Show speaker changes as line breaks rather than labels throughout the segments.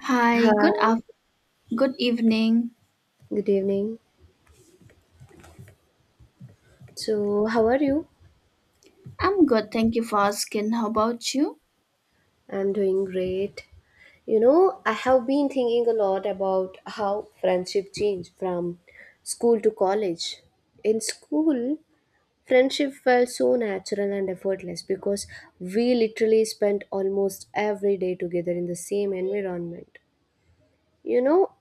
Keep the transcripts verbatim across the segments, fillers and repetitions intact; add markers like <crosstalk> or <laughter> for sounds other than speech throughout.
Hi,
Hi,
good af- good evening.
good evening. So, how are you?
I'm good, thank you for asking. How about you?
I'm doing great. You know, I have been thinking a lot about how friendship changed from school to college. In school, friendship felt so natural and effortless because we literally spent almost every day together in the same environment. You know,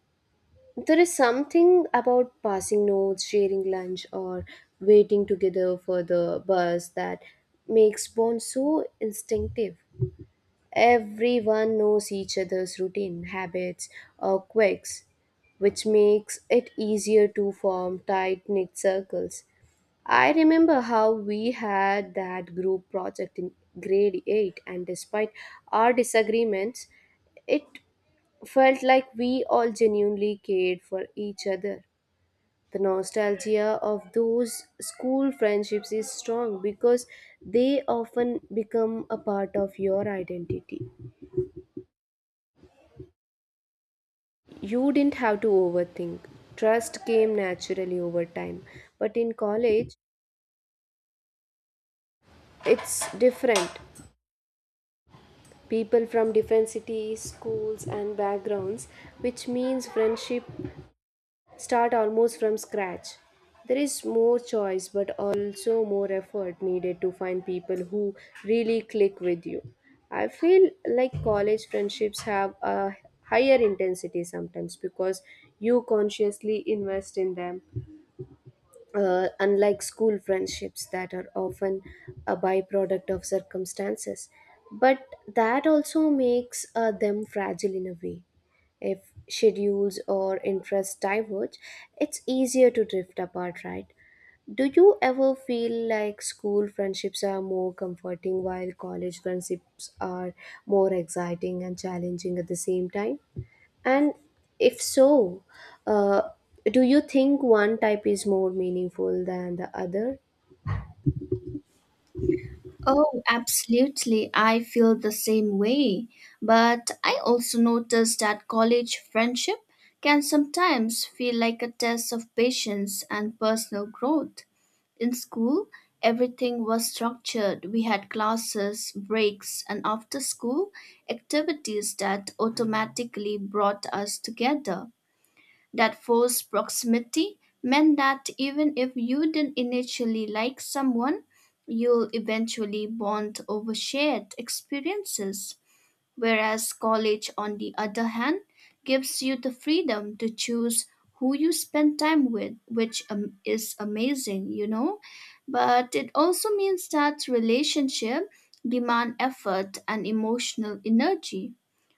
There is something about passing notes, sharing lunch, or waiting together for the bus that makes bonds so instinctive. Everyone knows each other's routine, habits, or quirks, which makes it easier to form tight knit circles. I remember how we had that group project in grade eight, and despite our disagreements, it felt like we all genuinely cared for each other. The nostalgia of those school friendships is strong because they often become a part of your identity. You didn't have to overthink. Trust came naturally over time. But in college, it's different. People from different cities, schools, and backgrounds, which means friendship start almost from scratch. There is more choice, but also more effort needed to find people who really click with you. I feel like college friendships have a higher intensity sometimes because you consciously invest in them uh, unlike school friendships that are often a byproduct of circumstances. But that also makes uh, them fragile in a way. If schedules or interests diverge, it's easier to drift apart, right? Do you ever feel like school friendships are more comforting while college friendships are more exciting and challenging at the same time? And if so, uh, do you think one type is more meaningful than the other?
Oh, absolutely. I feel the same way. But I also noticed that college friendship can sometimes feel like a test of patience and personal growth. In school, everything was structured. We had classes, breaks, and after school activities that automatically brought us together. That forced proximity meant that even if you didn't initially like someone, you'll eventually bond over shared experiences. Whereas college, on the other hand, gives you the freedom to choose who you spend time with, which um, is amazing, you know? But it also means that relationship demand effort and emotional energy.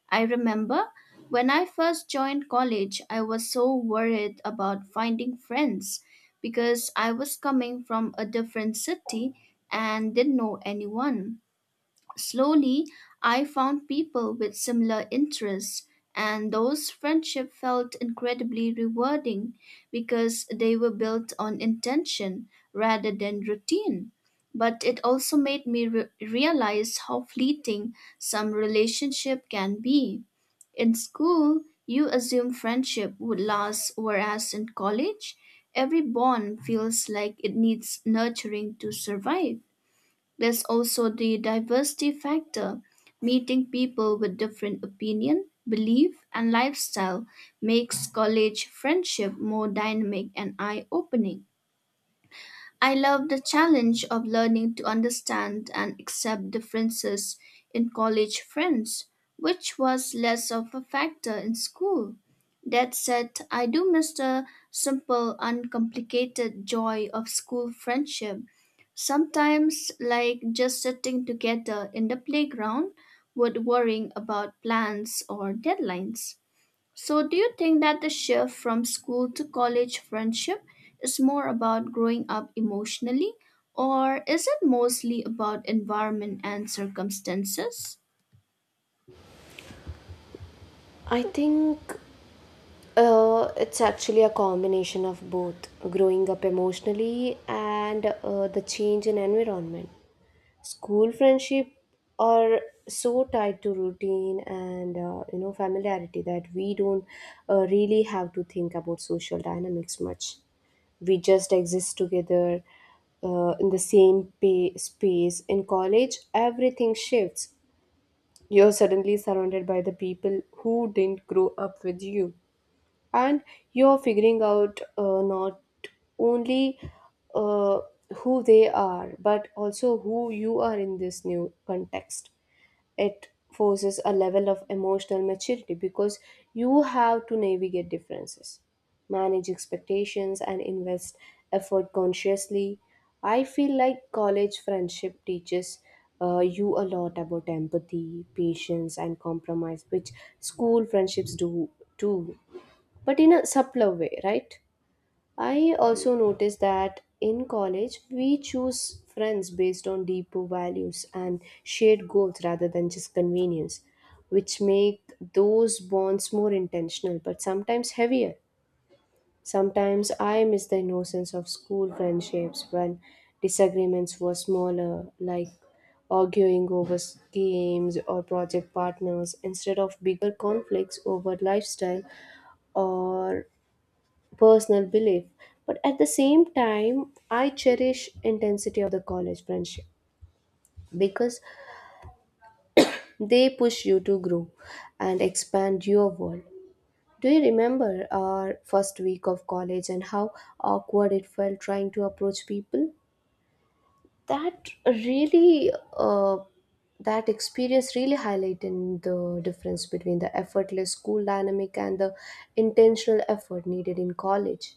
I remember when I first joined college, I was so worried about finding friends because I was coming from a different city and didn't know anyone. Slowly, I found people with similar interests, and those friendships felt incredibly rewarding because they were built on intention rather than routine. But it also made me re- realize how fleeting some relationship can be. In school, you assume friendship would last, whereas in college, every bond feels like it needs nurturing to survive. There's also the diversity factor. Meeting people with different opinion, belief, and lifestyle makes college friendship more dynamic and eye-opening. I love the challenge of learning to understand and accept differences in college friends, which was less of a factor in school. That said, I do miss the simple, uncomplicated joy of school friendship. Sometimes, like just sitting together in the playground, without worrying about plans or deadlines. So, do you think that the shift from school to college friendship is more about growing up emotionally, or is it mostly about environment and circumstances?
I think uh, it's actually a combination of both growing up emotionally and uh, the change in environment. School friendship are so tied to routine and uh, you know familiarity that we don't uh, really have to think about social dynamics much. We just exist together uh, in the same pay- space. In college, everything shifts. You're suddenly surrounded by the people who didn't grow up with you, and you're figuring out uh, not only uh, who they are, but also who you are in this new context. It forces a level of emotional maturity because you have to navigate differences, manage expectations, and invest effort consciously. I feel like college friendship teaches uh, you a lot about empathy, patience, and compromise, which school friendships do too, but in a subtler way, right? I also noticed that in college, we choose friends based on deeper values and shared goals rather than just convenience, which make those bonds more intentional but sometimes heavier. Sometimes I miss the innocence of school friendships when disagreements were smaller, like arguing over s- games or project partners instead of bigger conflicts over lifestyle or personal belief. But at the same time, I cherish intensity of the college friendship because they push you to grow and expand your world. Do you remember our first week of college and how awkward it felt trying to approach people? That really, uh, that experience really highlighted the difference between the effortless school dynamic and the intentional effort needed in college.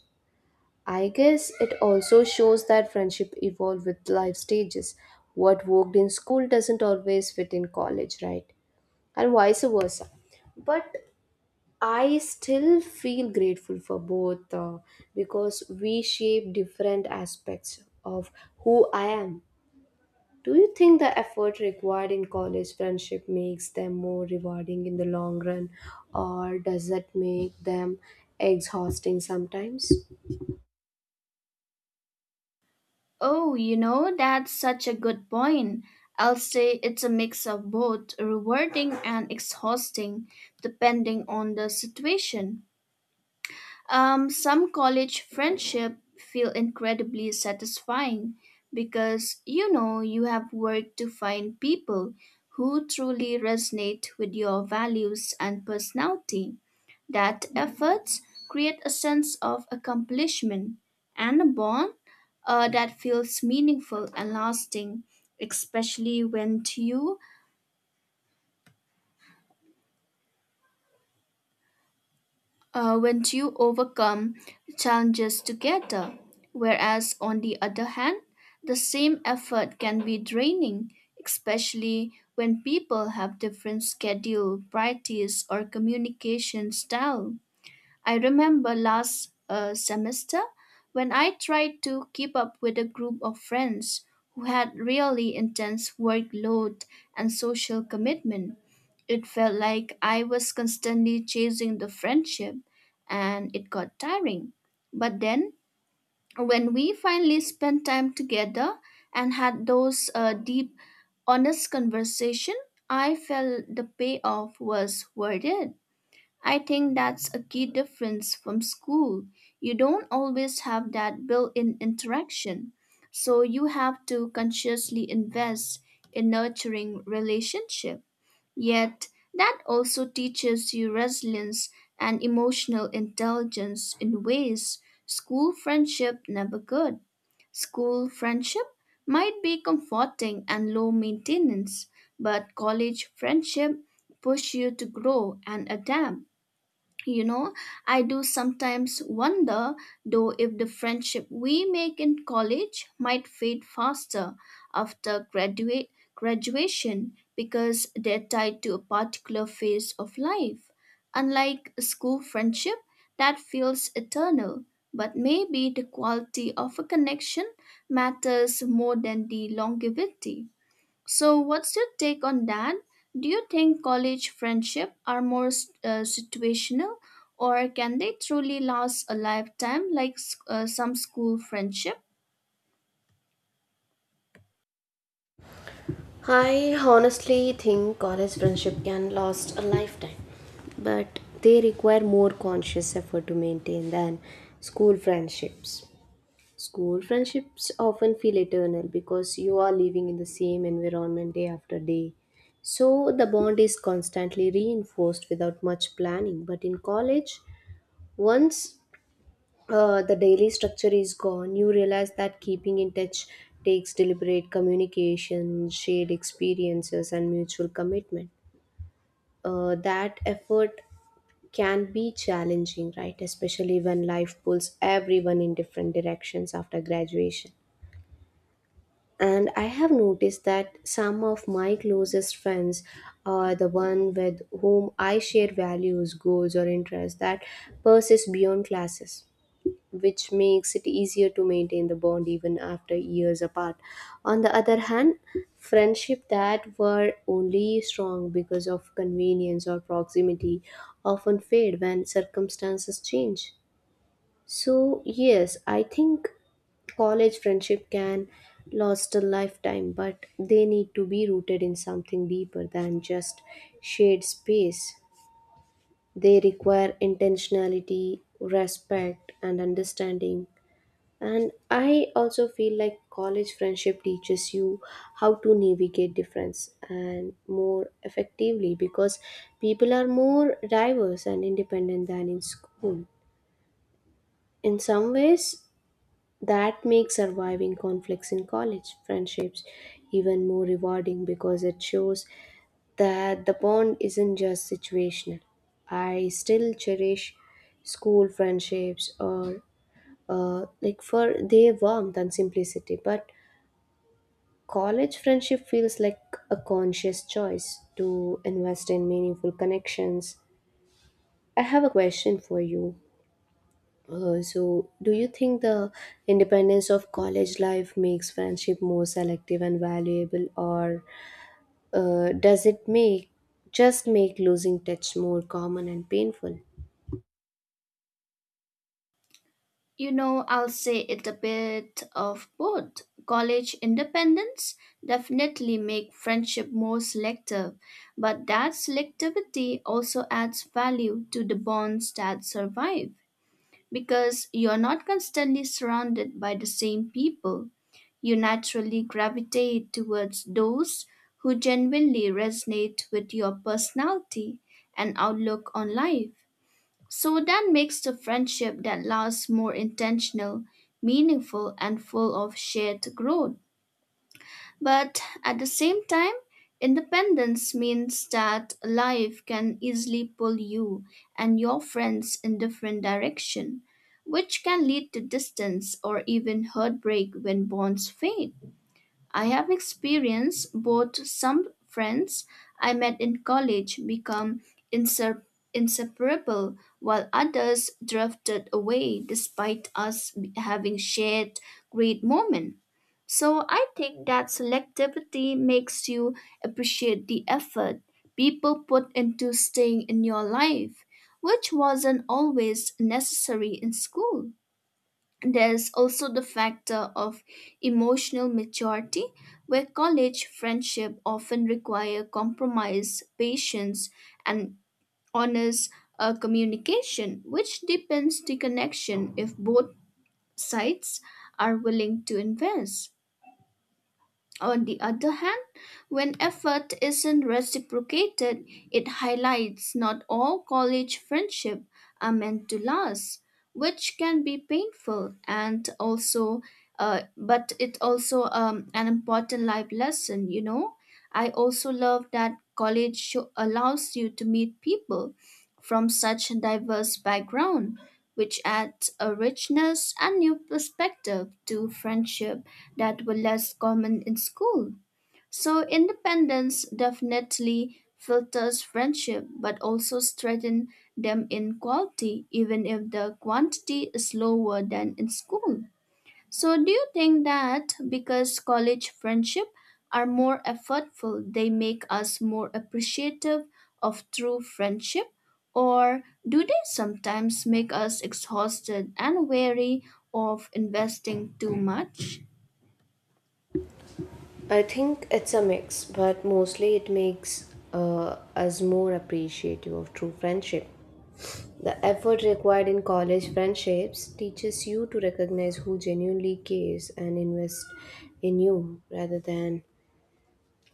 I guess it also shows that friendship evolve with life stages. What worked in school doesn't always fit in college, right? And vice versa. But I still feel grateful for both uh, because we shape different aspects of who I am. Do you think the effort required in college friendship makes them more rewarding in the long run, or does it make them exhausting sometimes?
Oh, you know, that's such a good point. I'll say it's a mix of both rewarding and exhausting, depending on the situation. Um, some college friendship feel incredibly satisfying because you know you have worked to find people who truly resonate with your values and personality. That efforts create a sense of accomplishment and a bond uh, that feels meaningful and lasting, especially when you uh, when you overcome challenges together. Whereas, on the other hand, the same effort can be draining, especially when people have different schedule, priorities, or communication style. I remember last uh, semester when I tried to keep up with a group of friends who had really intense workload and social commitment. It felt like I was constantly chasing the friendship and it got tiring. But then, when we finally spent time together and had those uh, deep, honest conversation, I felt the payoff was worth it. I think that's a key difference from school. You don't always have that built in interaction. So you have to consciously invest in nurturing relationship. Yet that also teaches you resilience and emotional intelligence in ways school friendship never could. School friendship might be comforting and low maintenance, but college friendship push you to grow and adapt. You know, I do sometimes wonder though if the friendship we make in college might fade faster after graduate graduation because they're tied to a particular phase of life. Unlike a school friendship that feels eternal, but maybe the quality of a connection matters more than the longevity. So, what's your take on that? Do you think college friendship are more uh, situational, or can they truly last a lifetime like s- uh, some school friendship?
I honestly think college friendship can last a lifetime, but they require more conscious effort to maintain than school friendships. School friendships often feel eternal because you are living in the same environment day after day. So the bond is constantly reinforced without much planning. But in college, once uh, the daily structure is gone, you realize that keeping in touch takes deliberate communication, shared experiences, and mutual commitment. Uh, that effort can be challenging, right? Especially when life pulls everyone in different directions after graduation. And I have noticed that some of my closest friends are the one with whom I share values, goals, or interests that persist beyond classes, which makes it easier to maintain the bond even after years apart. On the other hand, friendship that were only strong because of convenience or proximity often fade when circumstances change. So, yes, I think college friendship can last a lifetime, but they need to be rooted in something deeper than just shared space. They require intentionality, respect, and understanding. And I also feel like college friendship teaches you how to navigate difference and more effectively because people are more diverse and independent than in school. In some ways, that makes surviving conflicts in college friendships even more rewarding because it shows that the bond isn't just situational. I still cherish school friendships or uh, like for their warmth and simplicity, but college friendship feels like a conscious choice to invest in meaningful connections. I have a question for you. Uh, so, do you think the independence of college life makes friendship more selective and valuable, or uh, does it make just make losing touch more common and painful?
You know, I'll say it a bit of both. College independence definitely make friendship more selective, but that selectivity also adds value to the bonds that survive. Because you're not constantly surrounded by the same people, you naturally gravitate towards those who genuinely resonate with your personality and outlook on life. So that makes the friendship that lasts more intentional, meaningful, and full of shared growth. But at the same time, independence means that life can easily pull you and your friends in different direction, which can lead to distance or even heartbreak when bonds fade. I have experienced both some friends I met in college become insep- inseparable while others drifted away despite us having shared great moments. So I think that selectivity makes you appreciate the effort people put into staying in your life, which wasn't always necessary in school. There's also the factor of emotional maturity, where college friendship often require compromise, patience, and honest uh, communication, which deepens the connection if both sides are willing to invest. On the other hand, when effort isn't reciprocated, it highlights not all college friendships are meant to last, which can be painful and also, uh, but it also um, an important life lesson. You know, I also love that college sho- allows you to meet people from such diverse background which adds a richness and new perspective to friendship that were less common in school. So, independence definitely filters friendship but also strengthens them in quality, even if the quantity is lower than in school. So, do you think that because college friendship are more effortful, they make us more appreciative of true friendship? Or do they sometimes make us exhausted and wary of investing too much?
I think it's a mix, but mostly it makes uh, us more appreciative of true friendship. The effort required in college friendships teaches you to recognize who genuinely cares and invest in you rather than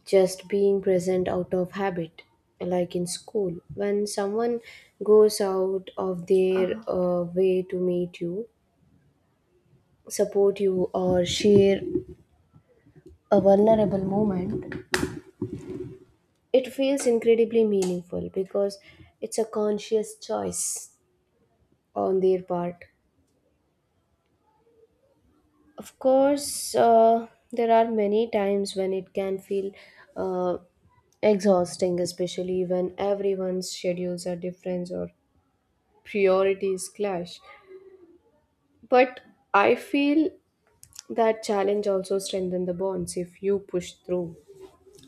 just being present out of habit. Like in school, when someone goes out of their uh, way to meet you, support you, or share a vulnerable moment, it feels incredibly meaningful because it's a conscious choice on their part. Of course, uh, there are many times when it can feel uh, exhausting, especially when everyone's schedules are different or priorities clash. But I feel that challenge also strengthens the bonds if you push through.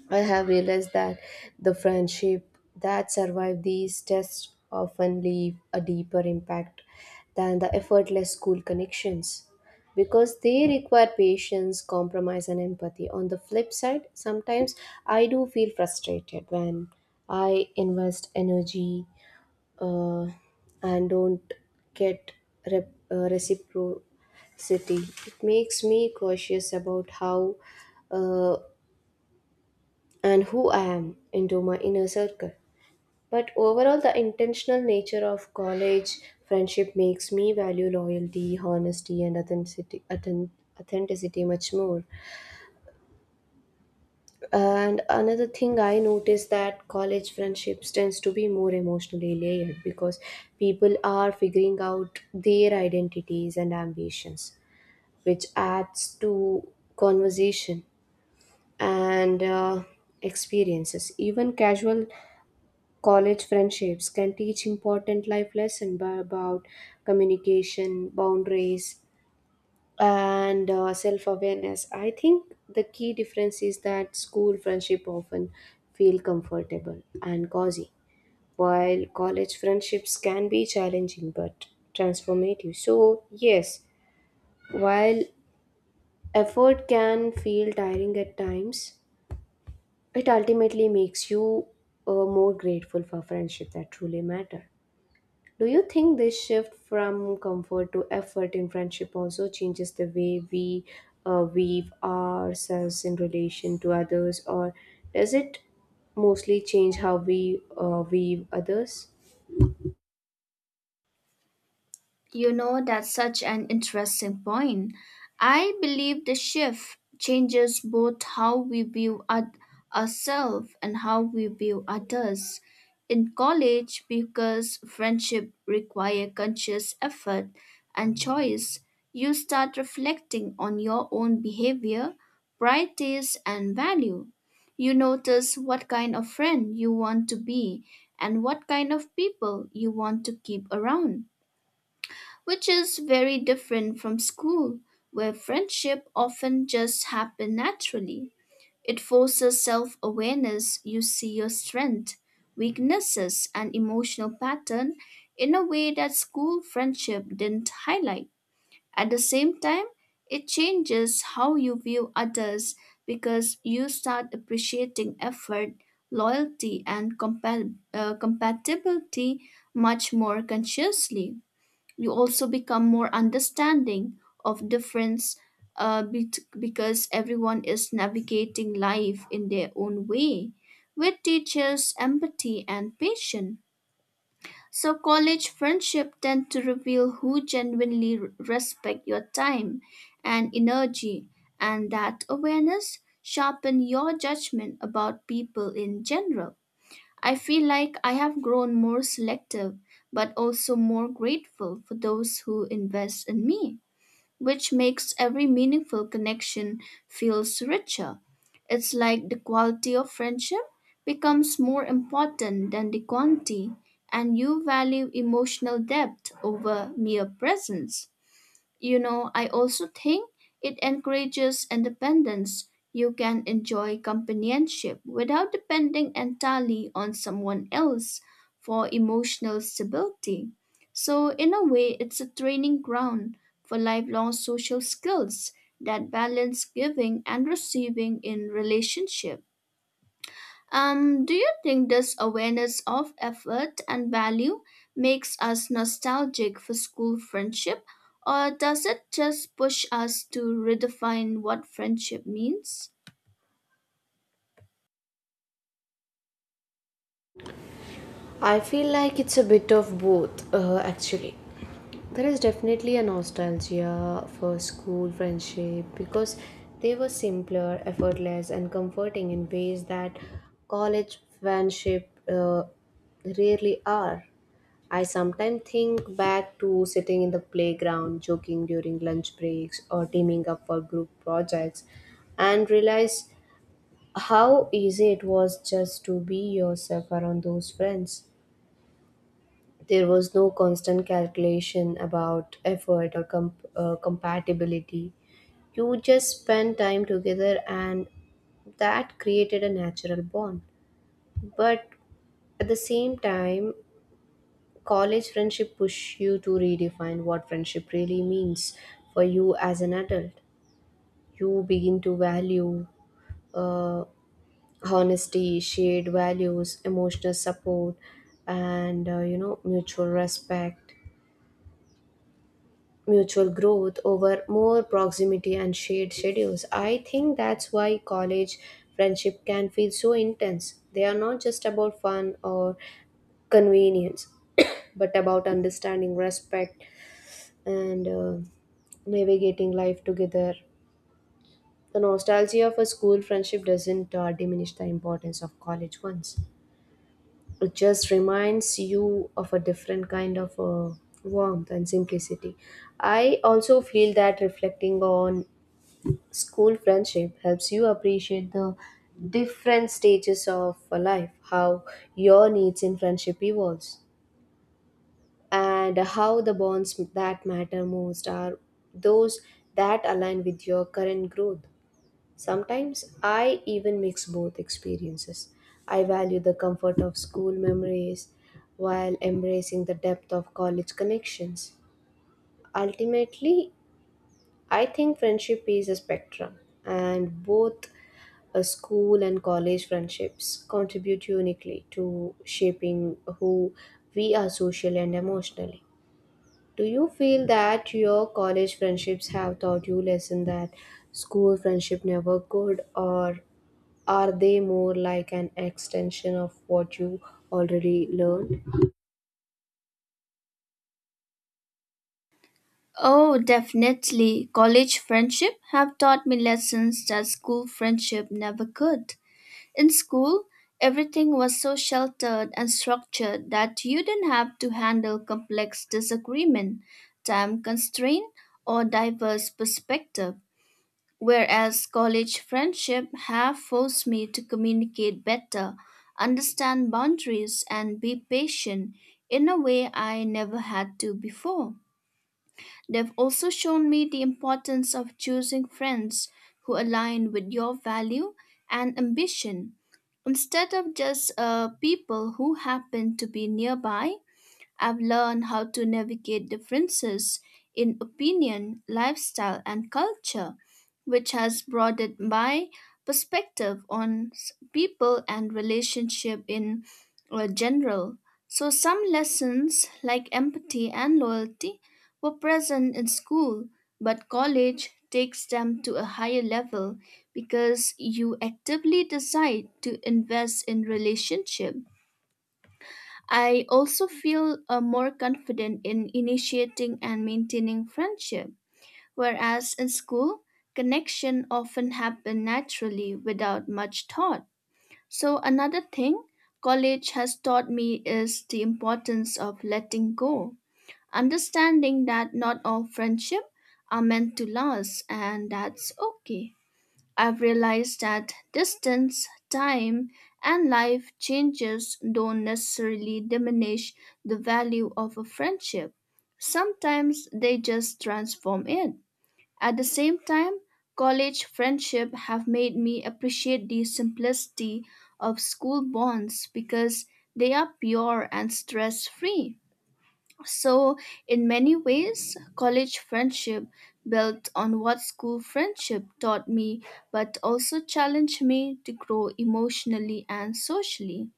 I have realized that the friendship that survive these tests often leave a deeper impact than the effortless school connections because they require patience, compromise, and empathy. On the flip side, sometimes I do feel frustrated when I invest energy uh, and don't get rep- uh, reciprocity. It makes me cautious about how. Uh, and who I am into my inner circle. But overall, the intentional nature of college friendship makes me value loyalty, honesty, and authenticity, authen- authenticity much more. And another thing I noticed that college friendships tends to be more emotionally layered because people are figuring out their identities and ambitions, which adds to conversation and uh, experiences. Even casual college friendships can teach important life lessons about communication, boundaries, and uh, self awareness. I think the key difference is that school friendship often feel comfortable and cozy, while college friendships can be challenging but transformative. So, yes, while effort can feel tiring at times, it ultimately makes you uh, more grateful for friendship that truly matter. Do you think this shift from comfort to effort in friendship also changes the way we uh, weave ourselves in relation to others, or does it mostly change how we uh, weave others?
You know, that's such an interesting point. I believe the shift changes both how we view our, ourselves and how we view others. In college, because friendship require conscious effort and choice, you start reflecting on your own behavior, priorities, and value. You notice what kind of friend you want to be and what kind of people you want to keep around which is very different from school, where friendship often just happen naturally. It forces self awareness. You see your strength, weaknesses, and emotional pattern in a way that school friendship didn't highlight. At the same time, it changes how you view others because you start appreciating effort, loyalty, and compa- uh, compatibility much more consciously. You also become more understanding of difference uh, bet- because everyone is navigating life in their own way, which teaches empathy and patience. So college friendship tend to reveal who genuinely r- respect your time and energy, and that awareness sharpen your judgment about people in general. I feel like I have grown more selective, but also more grateful for those who invest in me, which makes every meaningful connection feels richer. It's like the quality of friendship becomes more important than the quantity, and you value emotional depth over mere presence. You know, I also think it encourages independence. You can enjoy companionship without depending entirely on someone else for emotional stability. So, in a way, it's a training ground for lifelong social skills that balance giving and receiving in relationship. Um, do you think this awareness of effort and value makes us nostalgic for school friendship, or does it just push us to redefine what friendship means?
I feel like it's a bit of both, uh, actually. There is definitely a nostalgia for school friendship because they were simpler, effortless, and comforting in ways that college friendship uh, rarely are. I sometimes think back to sitting in the playground, joking during lunch breaks, or teaming up for group projects, and realize how easy it was just to be yourself around those friends. There was no constant calculation about effort or com uh, compatibility. You just spent time together, and that created a natural bond. But at the same time, college friendship push you to redefine what friendship really means for you as an adult. You begin to value uh, honesty, shared values, emotional support, and uh, you know mutual respect, mutual growth over more proximity and shared schedules. I think that's why college friendship can feel so intense. They are not just about fun or convenience, <coughs> but about understanding, respect and uh, navigating life together. The nostalgia of a school friendship doesn't uh, diminish the importance of college ones. It just reminds you of a different kind of uh, warmth and simplicity. I also feel that reflecting on school friendship helps you appreciate the different stages of uh, life, how your needs in friendship evolves and how the bonds that matter most are those that align with your current growth. Sometimes I even mix both experiences. I value the comfort of school memories while embracing the depth of college connections. Ultimately, I think friendship is a spectrum, and both a school and college friendships contribute uniquely to shaping who we are socially and emotionally. Do you feel that your college friendships have taught you lesson that school friendship never could, or are they more like an extension of what you already learned?
Oh, definitely. College friendship have taught me lessons that school friendship never could. In school, everything was so sheltered and structured that you didn't have to handle complex disagreement, time constraint, or diverse perspective. Whereas college friendship have forced me to communicate better, understand boundaries, and be patient in a way I never had to before. They've also shown me the importance of choosing friends who align with your value and ambition instead of just uh, people who happen to be nearby. I've learned how to navigate differences in opinion, lifestyle, and culture, which has broadened my perspective on s- people and relationship in uh, general. So some lessons like empathy and loyalty were present in school, but college takes them to a higher level because you actively decide to invest in relationship. I also feel uh, more confident in initiating and maintaining friendship, whereas in school, connection often happen naturally without much thought. So another thing college has taught me is the importance of letting go, understanding that not all friendship are meant to last and that's okay. I've realized that distance, time, and life changes don't necessarily diminish the value of a friendship. Sometimes they just transform it. At the same time, college friendship have made me appreciate the simplicity of school bonds because they are pure and stress-free. So, in many ways, college friendship built on what school friendship taught me, but also challenged me to grow emotionally and socially.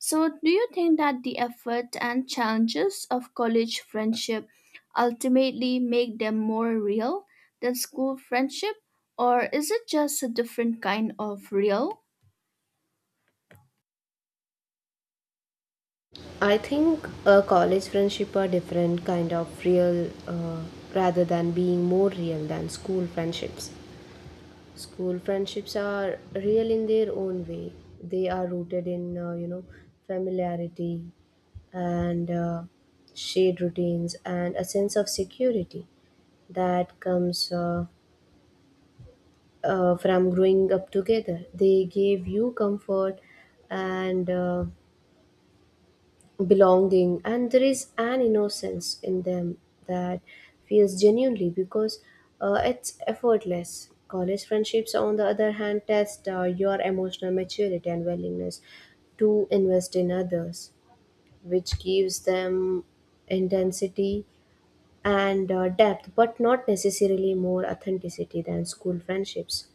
So, do you think that the effort and challenges of college friendship ultimately make them more real than school friendship, or is it just a different kind of real?
I think a college friendship are different kind of real, uh, rather than being more real than school friendships. School friendships are real in their own way. They are rooted in, uh, you know, familiarity and uh, shared routines and a sense of security that comes uh, uh, from growing up together. They gave you comfort and uh, belonging, and there is an innocence in them that feels genuinely because uh, it's effortless. College friendships on the other hand test uh, your emotional maturity and willingness to invest in others, which gives them intensity and uh, depth, but not necessarily more authenticity than school friendships.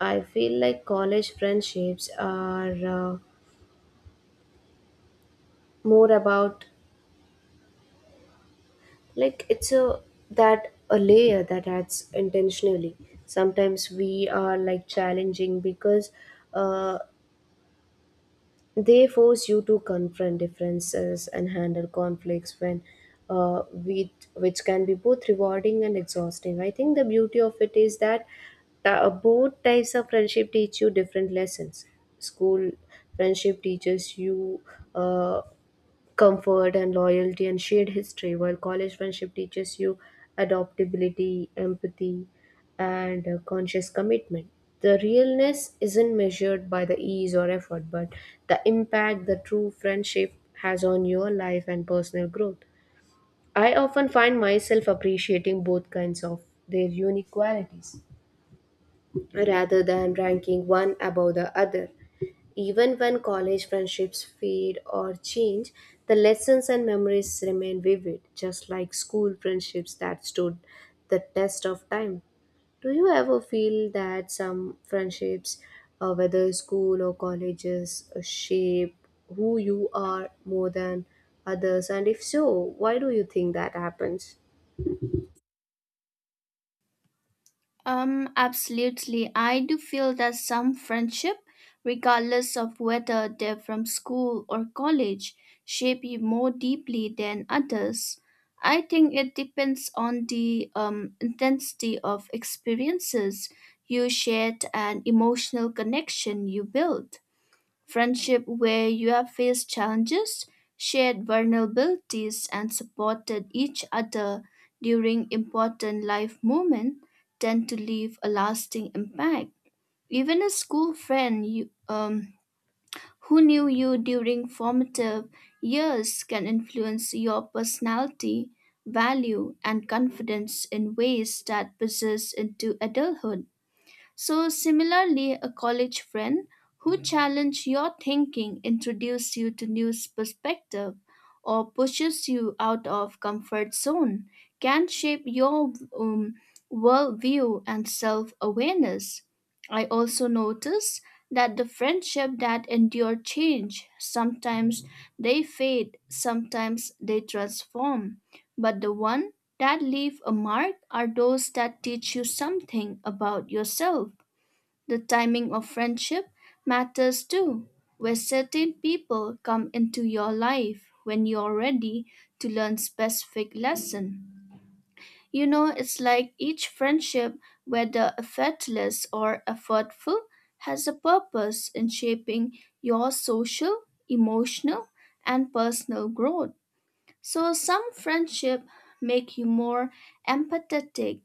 I feel like college friendships are uh, more about, like, it's a that a layer that adds intentionally sometimes. We are like challenging because uh, they force you to confront differences and handle conflicts when uh, with which can be both rewarding and exhausting. I think the beauty of it is that ta- both types of friendship teach you different lessons. School friendship teaches you uh, comfort and loyalty and shared history, while college friendship teaches you adaptability, empathy, and uh, conscious commitment. The realness isn't measured by the ease or effort, but the impact the true friendship has on your life and personal growth. I often find myself appreciating both kinds of their unique qualities rather than ranking one above the other. Even when college friendships fade or change, the lessons and memories remain vivid, just like school friendships that stood the test of time. Do you ever feel that some friendships, uh, whether school or colleges, uh, shape who you are more than others? And if so, why do you think that happens?
Um, absolutely. I do feel that some friendship, regardless of whether they're from school or college, shape you more deeply than others. I think it depends on the um, intensity of experiences you shared and emotional connection you built. Friendship where you have faced challenges, shared vulnerabilities, and supported each other during important life moments tend to leave a lasting impact. Even a school friend you, um, who knew you during formative years can influence your personality, value, and confidence in ways that persist into adulthood. So, similarly, a college friend who challenged your thinking, introduces you to new perspective, or pushes you out of comfort zone can shape your um, worldview and self-awareness. I also notice that the friendship that endure change. Sometimes they fade, sometimes they transform, but the one that leave a mark are those that teach you something about yourself. The timing of friendship matters too, where certain people come into your life when you're ready to learn specific lesson. You know, it's like each friendship, whether effortless or effortful, has a purpose in shaping your social, emotional, and personal growth. So some friendship make you more empathetic,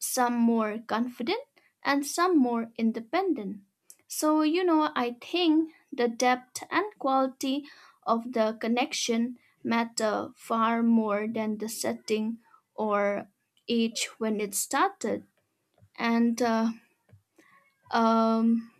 some more confident, and some more independent. So, you know, I think the depth and quality of the connection matter far more than the setting or age when it started. And uh, um,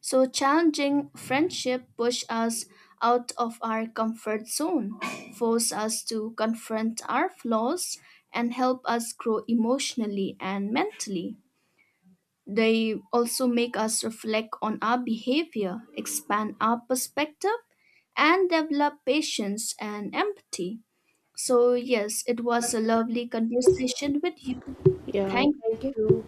so, challenging friendship push us out of our comfort zone, force us to confront our flaws, and help us grow emotionally and mentally. They also make us reflect on our behavior, expand our perspective, and develop patience and empathy. So, yes, it was a lovely conversation with you.
Yeah,
Thank
thank
you.
you.